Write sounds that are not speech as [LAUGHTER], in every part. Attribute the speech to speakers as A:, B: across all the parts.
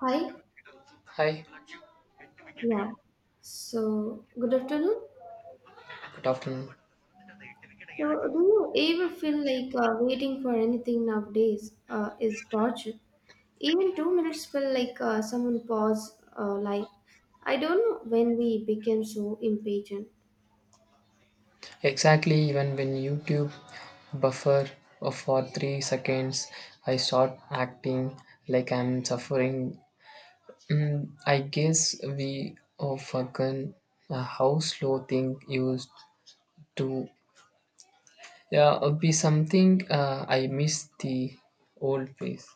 A: Hi.
B: Hi,
A: Yeah. So, good afternoon.
B: good afternoon.
A: So, do you ever feel like waiting for anything nowadays is torture? Even 2 minutes feel like someone pause. I don't know when we became so impatient.
B: Exactly, even when YouTube buffer for 3 seconds, I start acting like I'm suffering. Mm, I guess we all forgotten how slow thing used to yeah be something. I miss the old ways.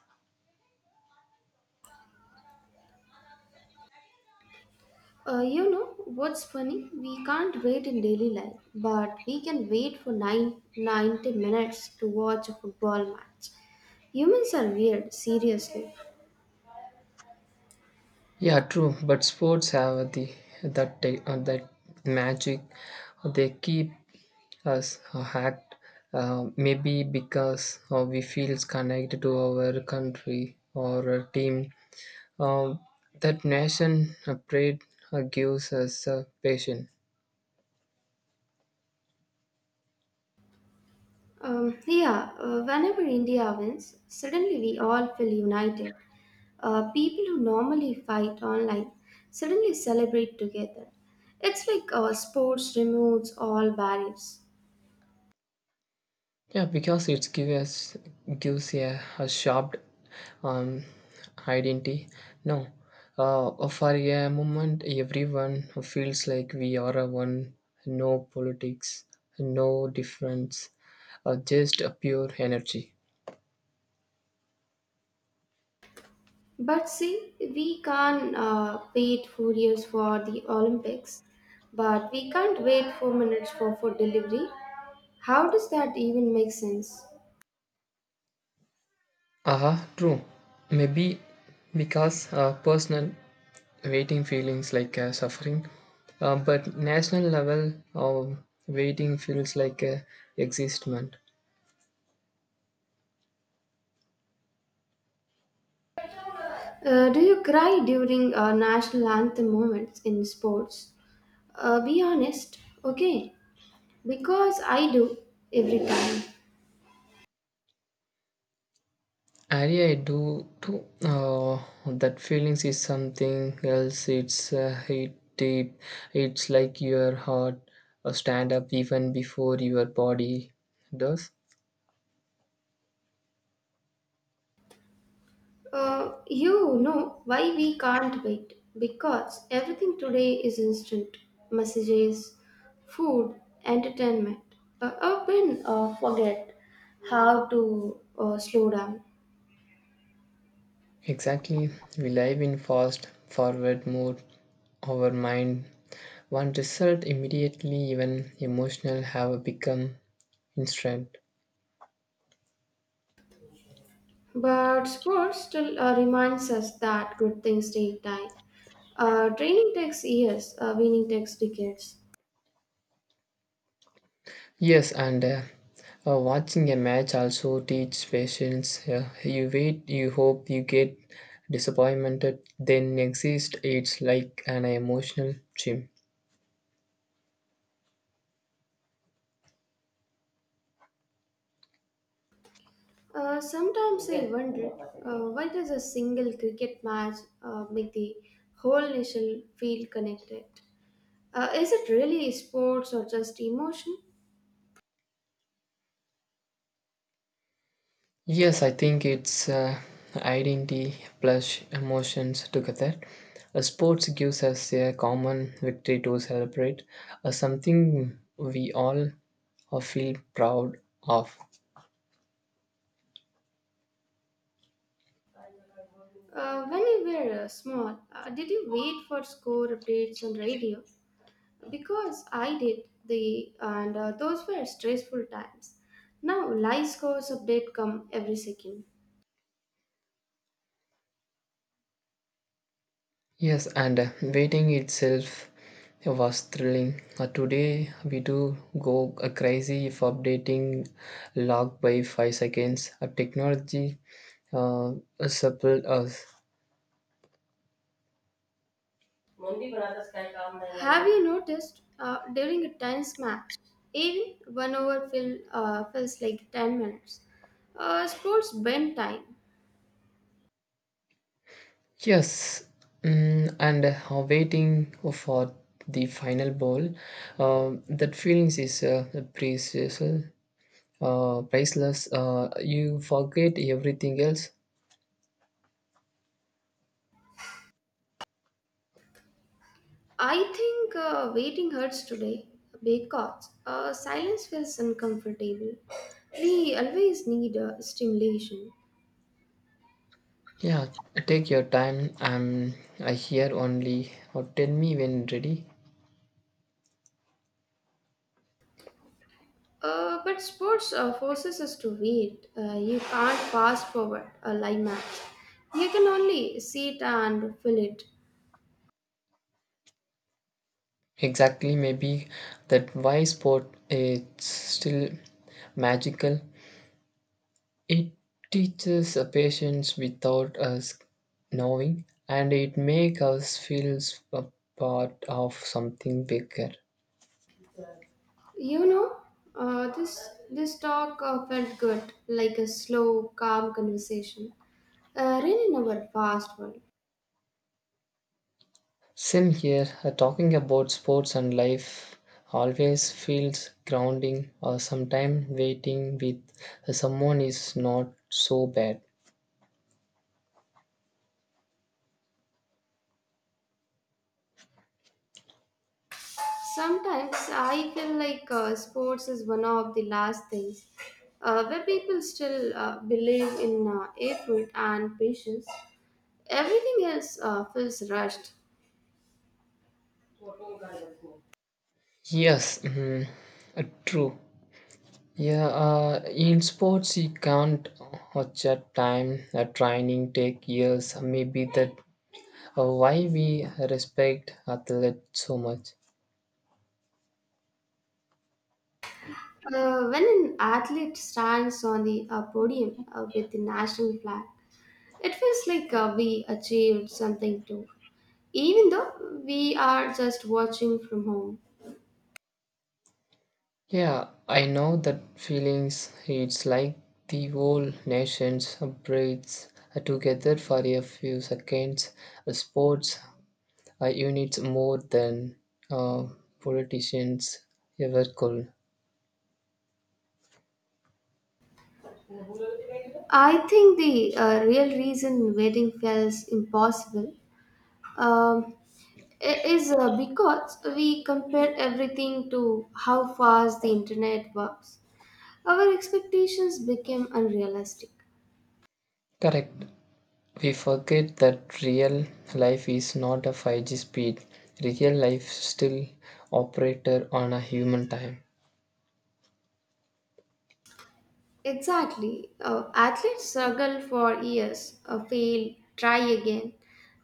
A: Uh, you know what's funny? We can't wait in daily life, but we can wait for 90 minutes to watch a football match. Humans are weird, seriously.
B: Yeah, true. But sports have the that magic. They keep us a hacked, maybe because we feel connected to our country or a team. Um, that nation pride gives us passion.
A: Yeah, whenever India wins, suddenly we all feel united. People who normally fight online suddenly celebrate together. It's like sports removes all barriers.
B: Yeah, because it gives us gives a sharp um, identity. No, for a moment, everyone feels like we are a one. No politics, no difference, just a pure energy.
A: But see, we can't wait 4 years for the Olympics, but we can't wait 4 minutes for food delivery. How does that even make sense?
B: Aha, true. Maybe because personal waiting feelings like suffering, but national level of waiting feels like existment.
A: Do you cry during national anthem moments in sports? Be honest, okay? Because I do every time.
B: Area I do too. That feelings is something else. It's it deep. It's like your heart stand up even before your body does.
A: You know why we can't wait. Because everything today is instant messages, food, entertainment. Open forget how to slow down.
B: Exactly. We live in fast forward mode. Our mind want result immediately, even emotional have become instant.
A: But sports still reminds us that good things take time. Training takes years, winning takes decades.
B: Yes, and watching a match also teach patience. Yeah. You wait, you hope, you get disappointed, then exist. It's like an emotional gym.
A: Sometimes I wonder why does a single cricket match make the whole nation feel connected? Is it really sports or just emotion?
B: Yes, I think it's identity plus emotions together. A sports gives us a common victory to celebrate, something we all feel proud of.
A: When you were small, did you wait for score updates on radio? Because I did the and those were stressful times. Now live scores update come every second.
B: Yes, and waiting itself was thrilling. Today we do go crazy if updating log by 5 seconds. Technology uh, suppled us.
A: Mumbi Banaras का काम नहीं है. Have you noticed during a tennis match, even one over feels like 10 minutes? Sports bend time.
B: Yes, mm, and waiting for the final ball, that feelings is precious, priceless. You forget everything else.
A: I think waiting hurts today because silence feels uncomfortable. We always need stimulation.
B: Yeah, take your time. I here only. Or tell me when ready.
A: But sports forces us to wait. You can't fast forward a live match. You can only see it and feel it.
B: Exactly, maybe that why sport it's still magical. It teaches a patience without us knowing, and it makes us feel a part of something bigger.
A: You know, uh, this this talk felt good, like a slow, calm conversation. Really, in our fast world.
B: Same here, talking about sports and life always feels grounding, or sometimes waiting with someone is not so bad.
A: Sometimes I feel like sports is one of the last things where people still believe in effort and patience. Everything else feels rushed.
B: Yes, mm, true. Yeah, in sports you can't watch a time. A training take years. Maybe the why we respect athletes so much.
A: When an athlete stands on the podium with the national flag, it feels like we achieved something too, even though we are just watching from home.
B: Yeah, I know that feelings. It's like the whole nation's breathes together for a few seconds. Sports units more than uh, politicians ever could.
A: I think the real reason wedding feels impossible, um, is because we compare everything to how fast the internet works. Our expectations became unrealistic.
B: Correct. We forget that real life is not a 5G speed. Real life still operator on a human time.
A: Exactly. Athletes struggle for years, fail, try again.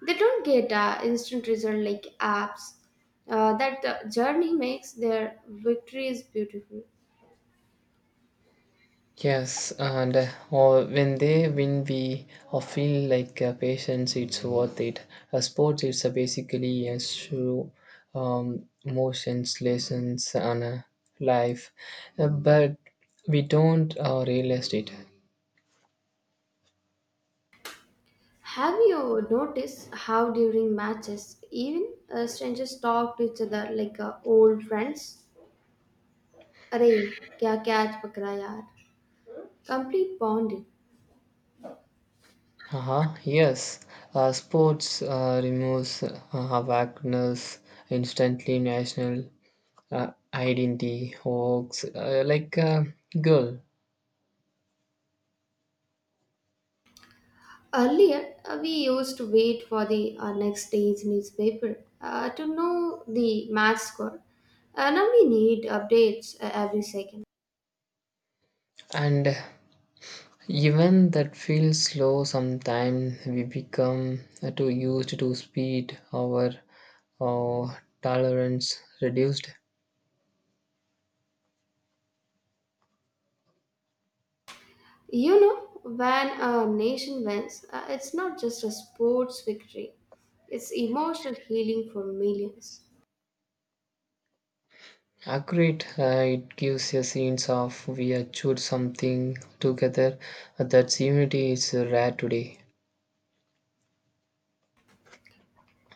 A: They don't get instant result like apps. That journey makes their victories beautiful.
B: Yes, and or when they win, we all feel like patience, it's worth it. Sports, it's basically a show, emotions, lessons, and life. But we don't realize it.
A: Have you noticed how during matches, even strangers talk to each other like old friends? Arey kya catch पकड़ा यार, complete bonding.
B: Uh-huh, yes, sports removes awareness instantly, national identity, hoax, like a girl.
A: Earlier, we used to wait for the next day's newspaper to know the match score. Now we need updates every second.
B: And even that feels slow. Sometimes we become too used to speed our uh, tolerance reduced.
A: You know, when a nation wins, it's not just a sports victory, it's emotional healing for millions.
B: Accurate, it gives a sense of we achieved something together. That unity is rare today.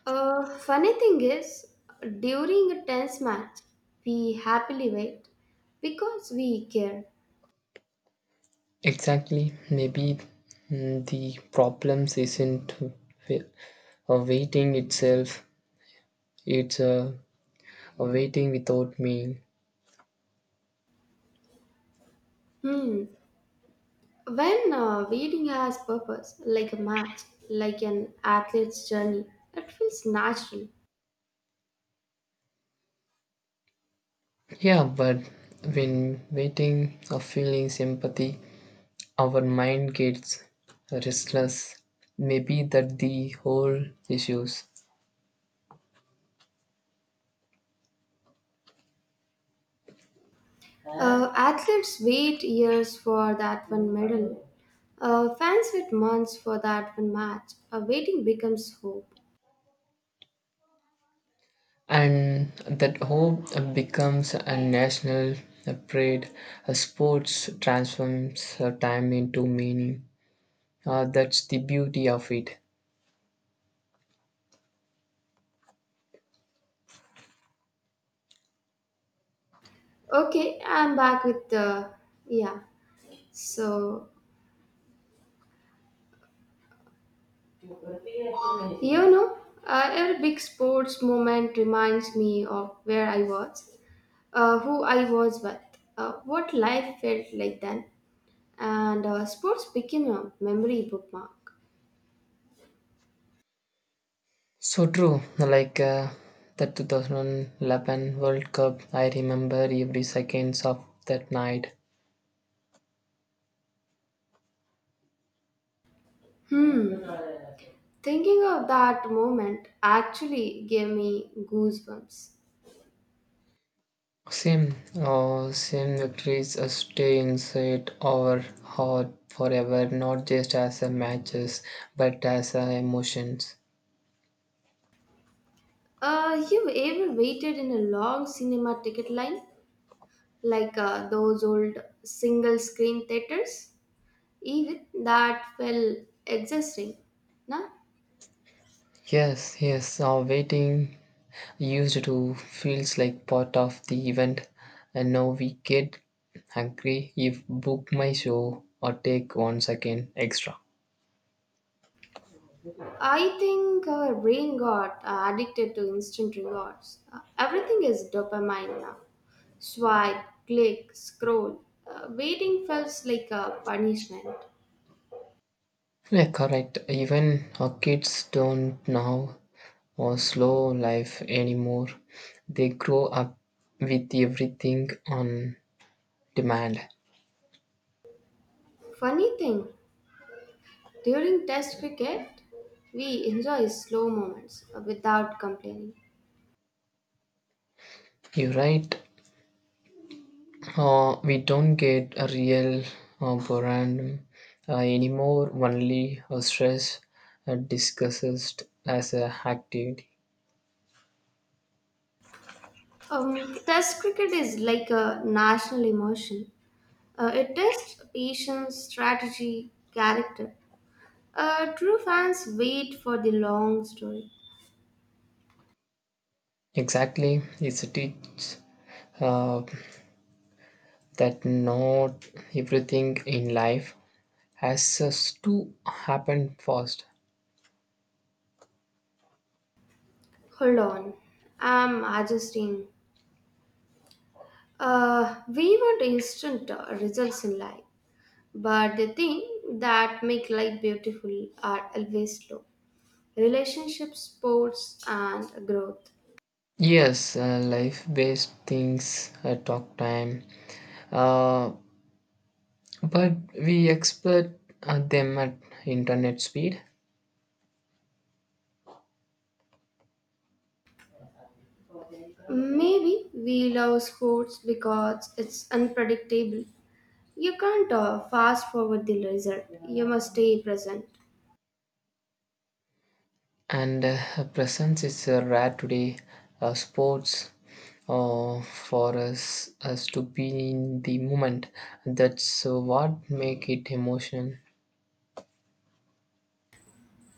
A: Funny thing is, during a tense match, we happily wait because we care.
B: Exactly, maybe mm, the problems isn't waiting itself. It's waiting without meal.
A: Hmm. When reading has purpose, like a match, like an athlete's journey, it feels natural.
B: Yeah, but when waiting or feeling sympathy, our mind gets restless. Maybe that the whole issues,
A: Athletes wait years for that one medal. Fans wait months for that one match. Waiting becomes hope.
B: and that hope becomes a national parade. A sports transforms time into meaning. That's the beauty of it.
A: Okay, I'm back with the. Yeah, so you know, every big sports moment reminds me of where I was, who I was with, what life felt like then, and sports became a memory bookmark.
B: So true. Like the 2011 World Cup, I remember every seconds of that night.
A: Hmm, thinking of that moment actually gave me goosebumps.
B: Same. Or sin victories stay inside our heart forever, not just as a matches, but as a emotions.
A: You ever waited in a long cinema ticket line, like those old single screen theaters? Even that felt exhausting. Now,
B: Yes, yes, our waiting used to feels like part of the event, and now we get angry if book my show or take 1 second extra.
A: I think our brain got addicted to instant rewards. Everything is dopamine now. Swipe, click, scroll. Waiting felt like a punishment.
B: Yeah, correct. Even our kids don't now or slow life anymore. They grow up with everything on demand.
A: Funny thing, during test cricket, we enjoy slow moments without complaining.
B: You're right. We don't get a real boredom anymore. Only a stress discussed as a activity.
A: Test cricket is like a national emotion. It tests patience, strategy, character. True fans wait for the long story.
B: Exactly, it's a teach uh, that not everything in life has us to happen fast.
A: Hold on, I'm adjusting. We want instant results in life, but the thing that make life beautiful are always slow. Relationships, sports, and growth.
B: Yes, life-based things talk time, uh, but we expect them at internet speed,
A: Maybe we love sports because it's unpredictable. You can't fast forward the result. You must stay present.
B: and presence is rare today. Sports for us us to be in the moment. That's what make it emotion.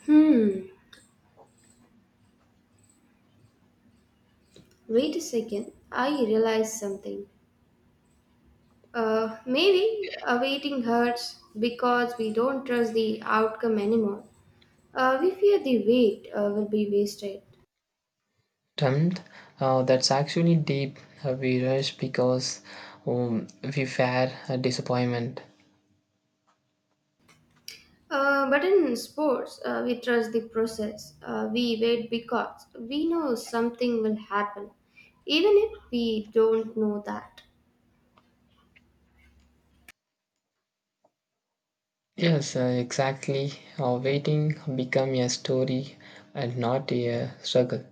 A: Hmm. Wait a second. I realized something. Maybe awaiting hurts because we don't trust the outcome anymore. We fear the wait will be wasted.
B: Termed, that's actually deep. We rush because um, we fear a disappointment.
A: But in sports, we trust the process. We wait because we know something will happen, even if we don't know that.
B: Yes, exactly. Waiting become a story and not a struggle.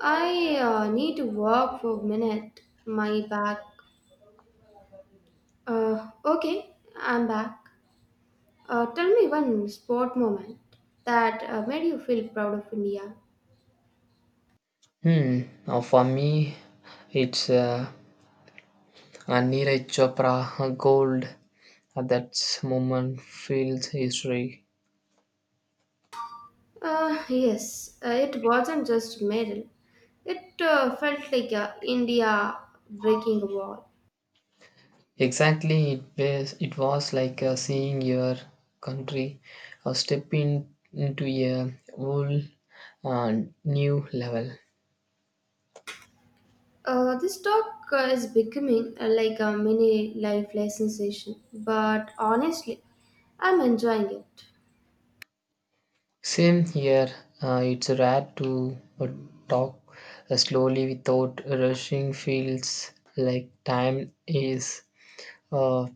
A: I need to walk for a minute. My back. Okay, I'm back. Tell me one sport moment that made you feel proud of India.
B: Hmm. For me, it's a Neeraj Chopra gold. That moment feels history.
A: Yes, it wasn't just medal. It felt like India breaking a wall.
B: Exactly, it was like seeing your country step in, into a whole uh, new level.
A: This talk is becoming like a mini life lesson session, but honestly, I'm enjoying it.
B: Same here. It's rare to talk slowly without rushing. Feels like time is uh,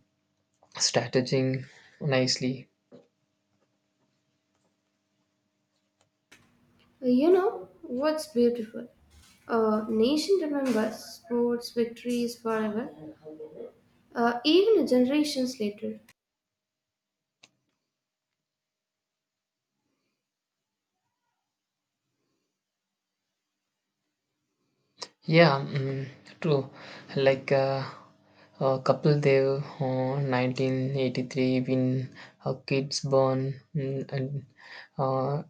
B: strategizing nicely.
A: You know what's beautiful? A nation remembers sports victories forever, even generations later.
B: Yeah, mm, true. Like a couple there, 1983, when her kids born, mm, and uh,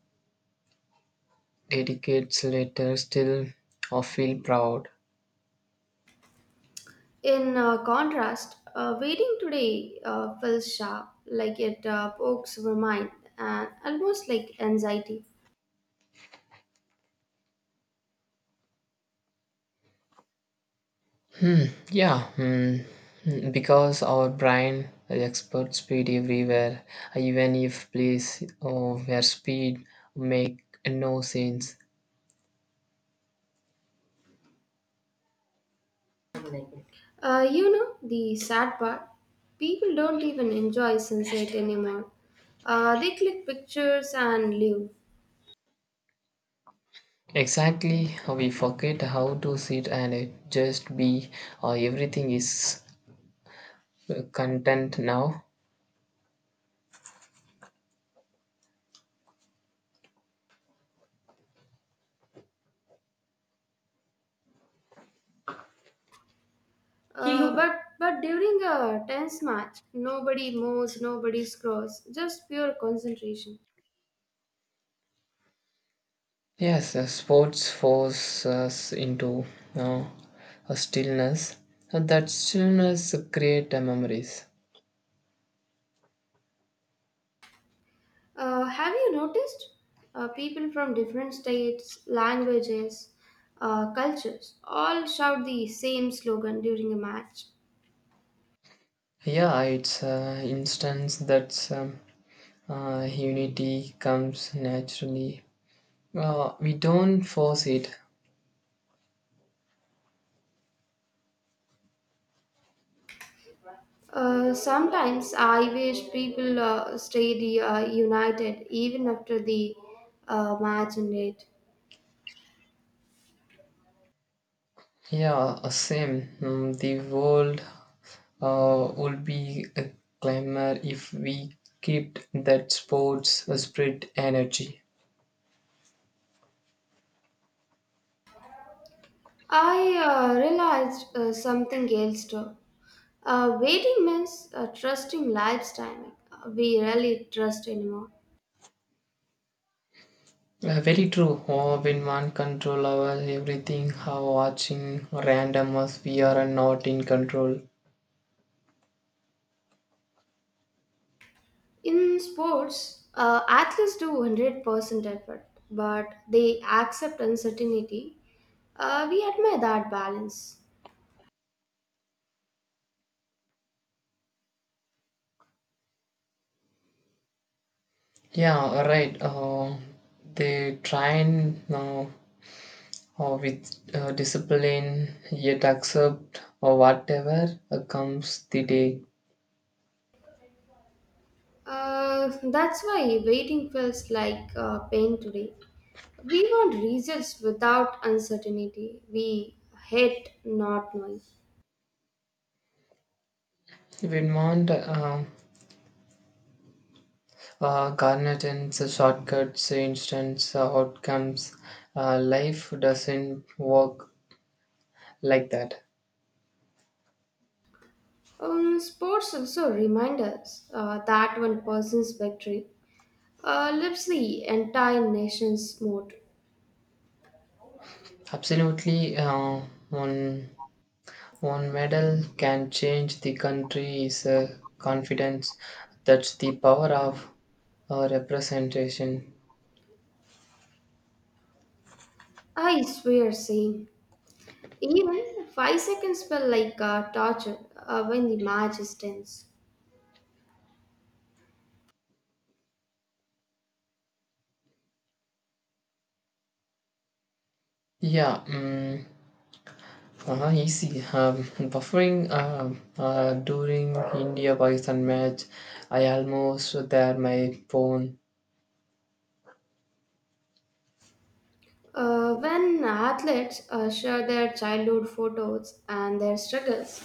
B: dedicates later, still feel proud.
A: In contrast, waiting today feels sharp, like it pokes our mind and almost like anxiety.
B: Hmm. Yeah, mm, mm, because our brain expert speed everywhere, even if place oh, where speed make no sense.
A: You know, the sad part, people don't even enjoy sunset anymore. They click pictures and leave.
B: Exactly, we forget how to sit and just be. Or everything is content now.
A: But during a tense match, nobody moves, nobody scrolls, just pure concentration.
B: Yes, sports force us into uh, a stillness, and that stillness create memories.
A: Have you noticed people from different states, languages, cultures all shout the same slogan during a match?
B: Yeah, it's instance that's unity comes naturally. We don't force it.
A: Sometimes I wish people stayed united even after the match ended.
B: Yeah, same. Mm, the world would be a clamor if we kept that sports spirit energy.
A: I realized something else too. Waiting means trusting life's timing. We rarely trust anymore.
B: Very true. Oh, when one control over everything, how watching random us, we are not in control.
A: In sports, athletes do 100% effort, but they accept uncertainty. We admire that balance.
B: Yeah, right. They try and or with discipline, yet accept or whatever comes the day.
A: That's why waiting feels like pain today. We want results without uncertainty. We hate not knowing.
B: Vermont garnet and the shortcuts, instant outcomes. Life doesn't work like that.
A: Sports also remind us that one person's victory lifts the entire nation's mood.
B: Absolutely, one one medal can change the country is confidence. That's the power of representation.
A: I swear, same. Even 5 seconds felt like torture when the match is tense.
B: Yeah, mm. Ah, easy. [LAUGHS] Buffering during India Pakistan match, I almost there my phone.
A: When athletes share their childhood photos and their struggles,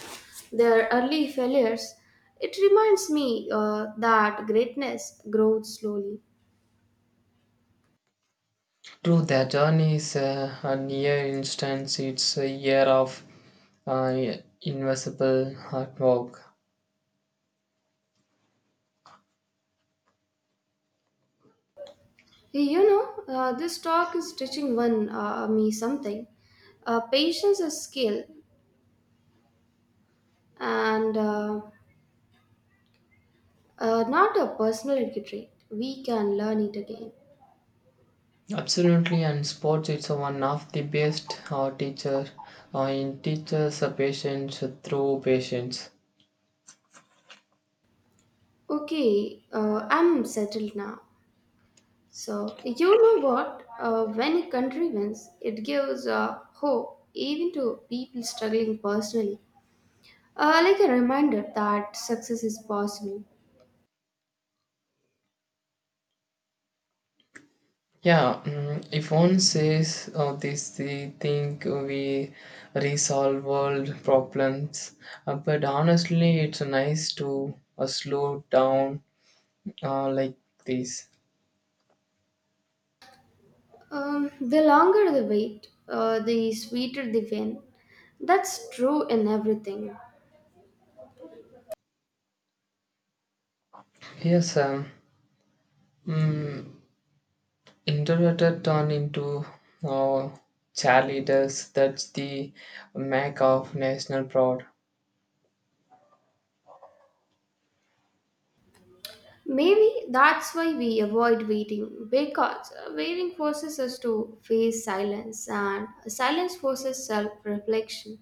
A: their early failures, it reminds me that greatness grows slowly.
B: True, that journey is a near instance. It's a year of uh, invisible hard work.
A: You know, this talk is teaching one me something. Patience is skill and not a personality trait. We can learn it again.
B: Absolutely, and sports it's one of the best teacher in teachers patience through patience.
A: Okay, I'm settled now. So, you know what? When a country wins, it gives hope even to people struggling personally. Like a reminder that success is possible.
B: Yeah, mm, if one says this, they think we resolve world problems. But honestly, it's nice to slow down like this.
A: The longer the wait, the sweeter the win. That's true in everything.
B: Yes, mm, interpreter turn into uh, cheerleaders. That's the mark of national proud.
A: Maybe that's why we avoid waiting, because waiting forces us to face silence and silence forces self reflection.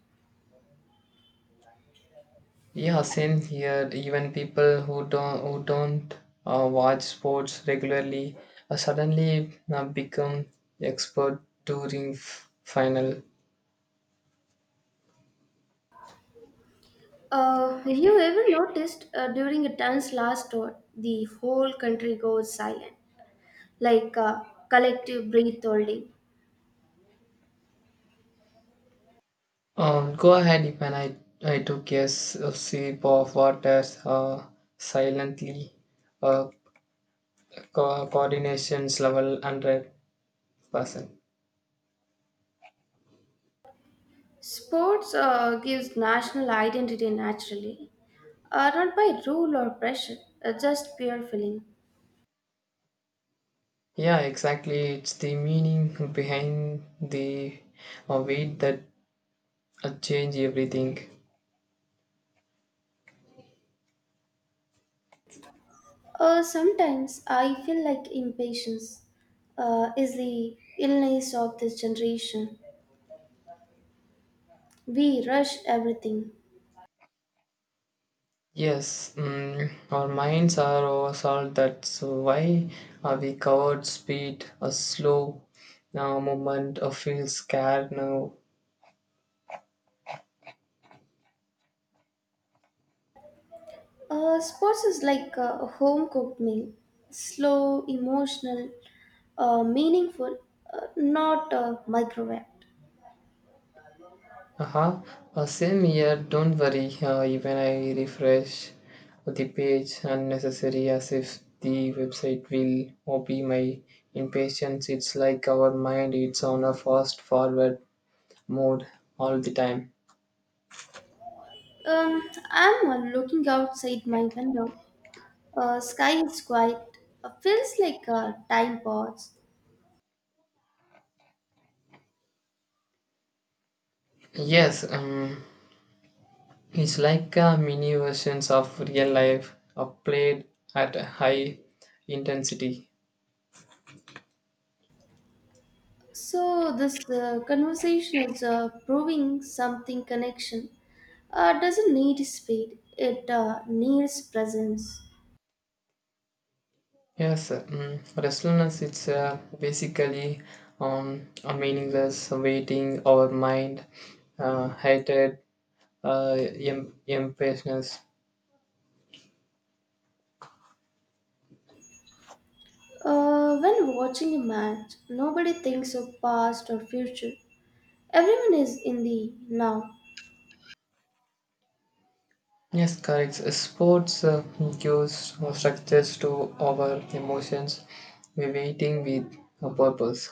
B: Yeah, same here. Even people who don't watch sports regularly suddenly become expert during final.
A: Have you ever noticed during a dance last tour, the whole country goes silent, like collective breath holding.
B: Go ahead. Even I took a sip of water silently. Uh, Coordination's level 100%.
A: Sports gives national identity naturally, not by rule or pressure, just pure feeling.
B: Yeah, exactly. It's the meaning behind the weight that change everything.
A: Sometimes I feel like impatience is the illness of this generation. We rush everything.
B: Yes, mm, our minds are oversold. That's why we covered speed, a slow movement, a feel scared now.
A: Sports is like a home cooked meal, slow, emotional, meaningful, not microwaved.
B: Uh-huh. Same here, don't worry. Even I refresh the page unnecessary as if the website will copy my impatience. It's like our mind, it's on a fast forward mode all the time.
A: Um, I'm looking outside my window. Sky is quiet. Feels like time pause.
B: Yes, it's like a mini versions of real life played at a high intensity.
A: So this conversation is proving something. Connection doesn't need speed. It needs presence.
B: Yes, restlessness it's basically a meaningless waiting our mind, hated, impatience.
A: When watching a match, nobody thinks of past or future. Everyone is in the now.
B: Yes, correct. Sports gives structures to our emotions. We waiting with a purpose.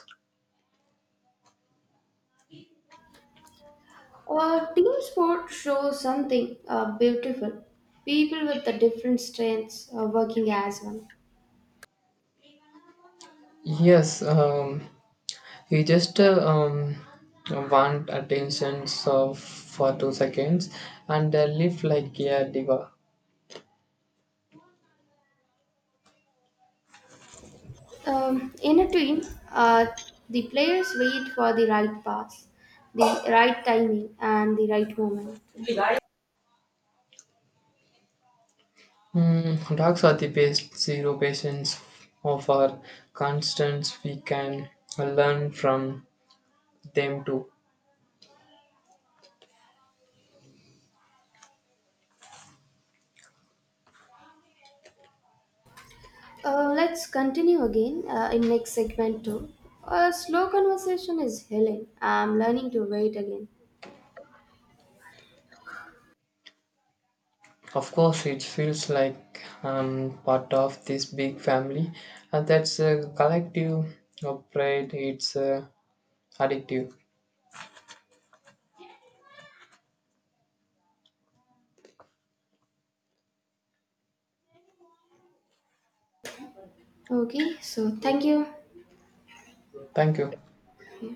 A: A team sport shows something beautiful. People with the different strengths are working as one.
B: Yes, he just want attention so for 2 seconds and live like a diva.
A: In a team, uh, the players wait for the right pass, the right timing, and the right moment.
B: Mm, dogs are the best zero patients of our constants. We can learn from them too.
A: Let's continue again in next segment two. A slow conversation is healing. I'm learning to wait again.
B: Of course, it feels like part of this big family, and that's a collective pride. It's addictive.
A: Okay, so thank you.
B: Thank you.
A: Yeah.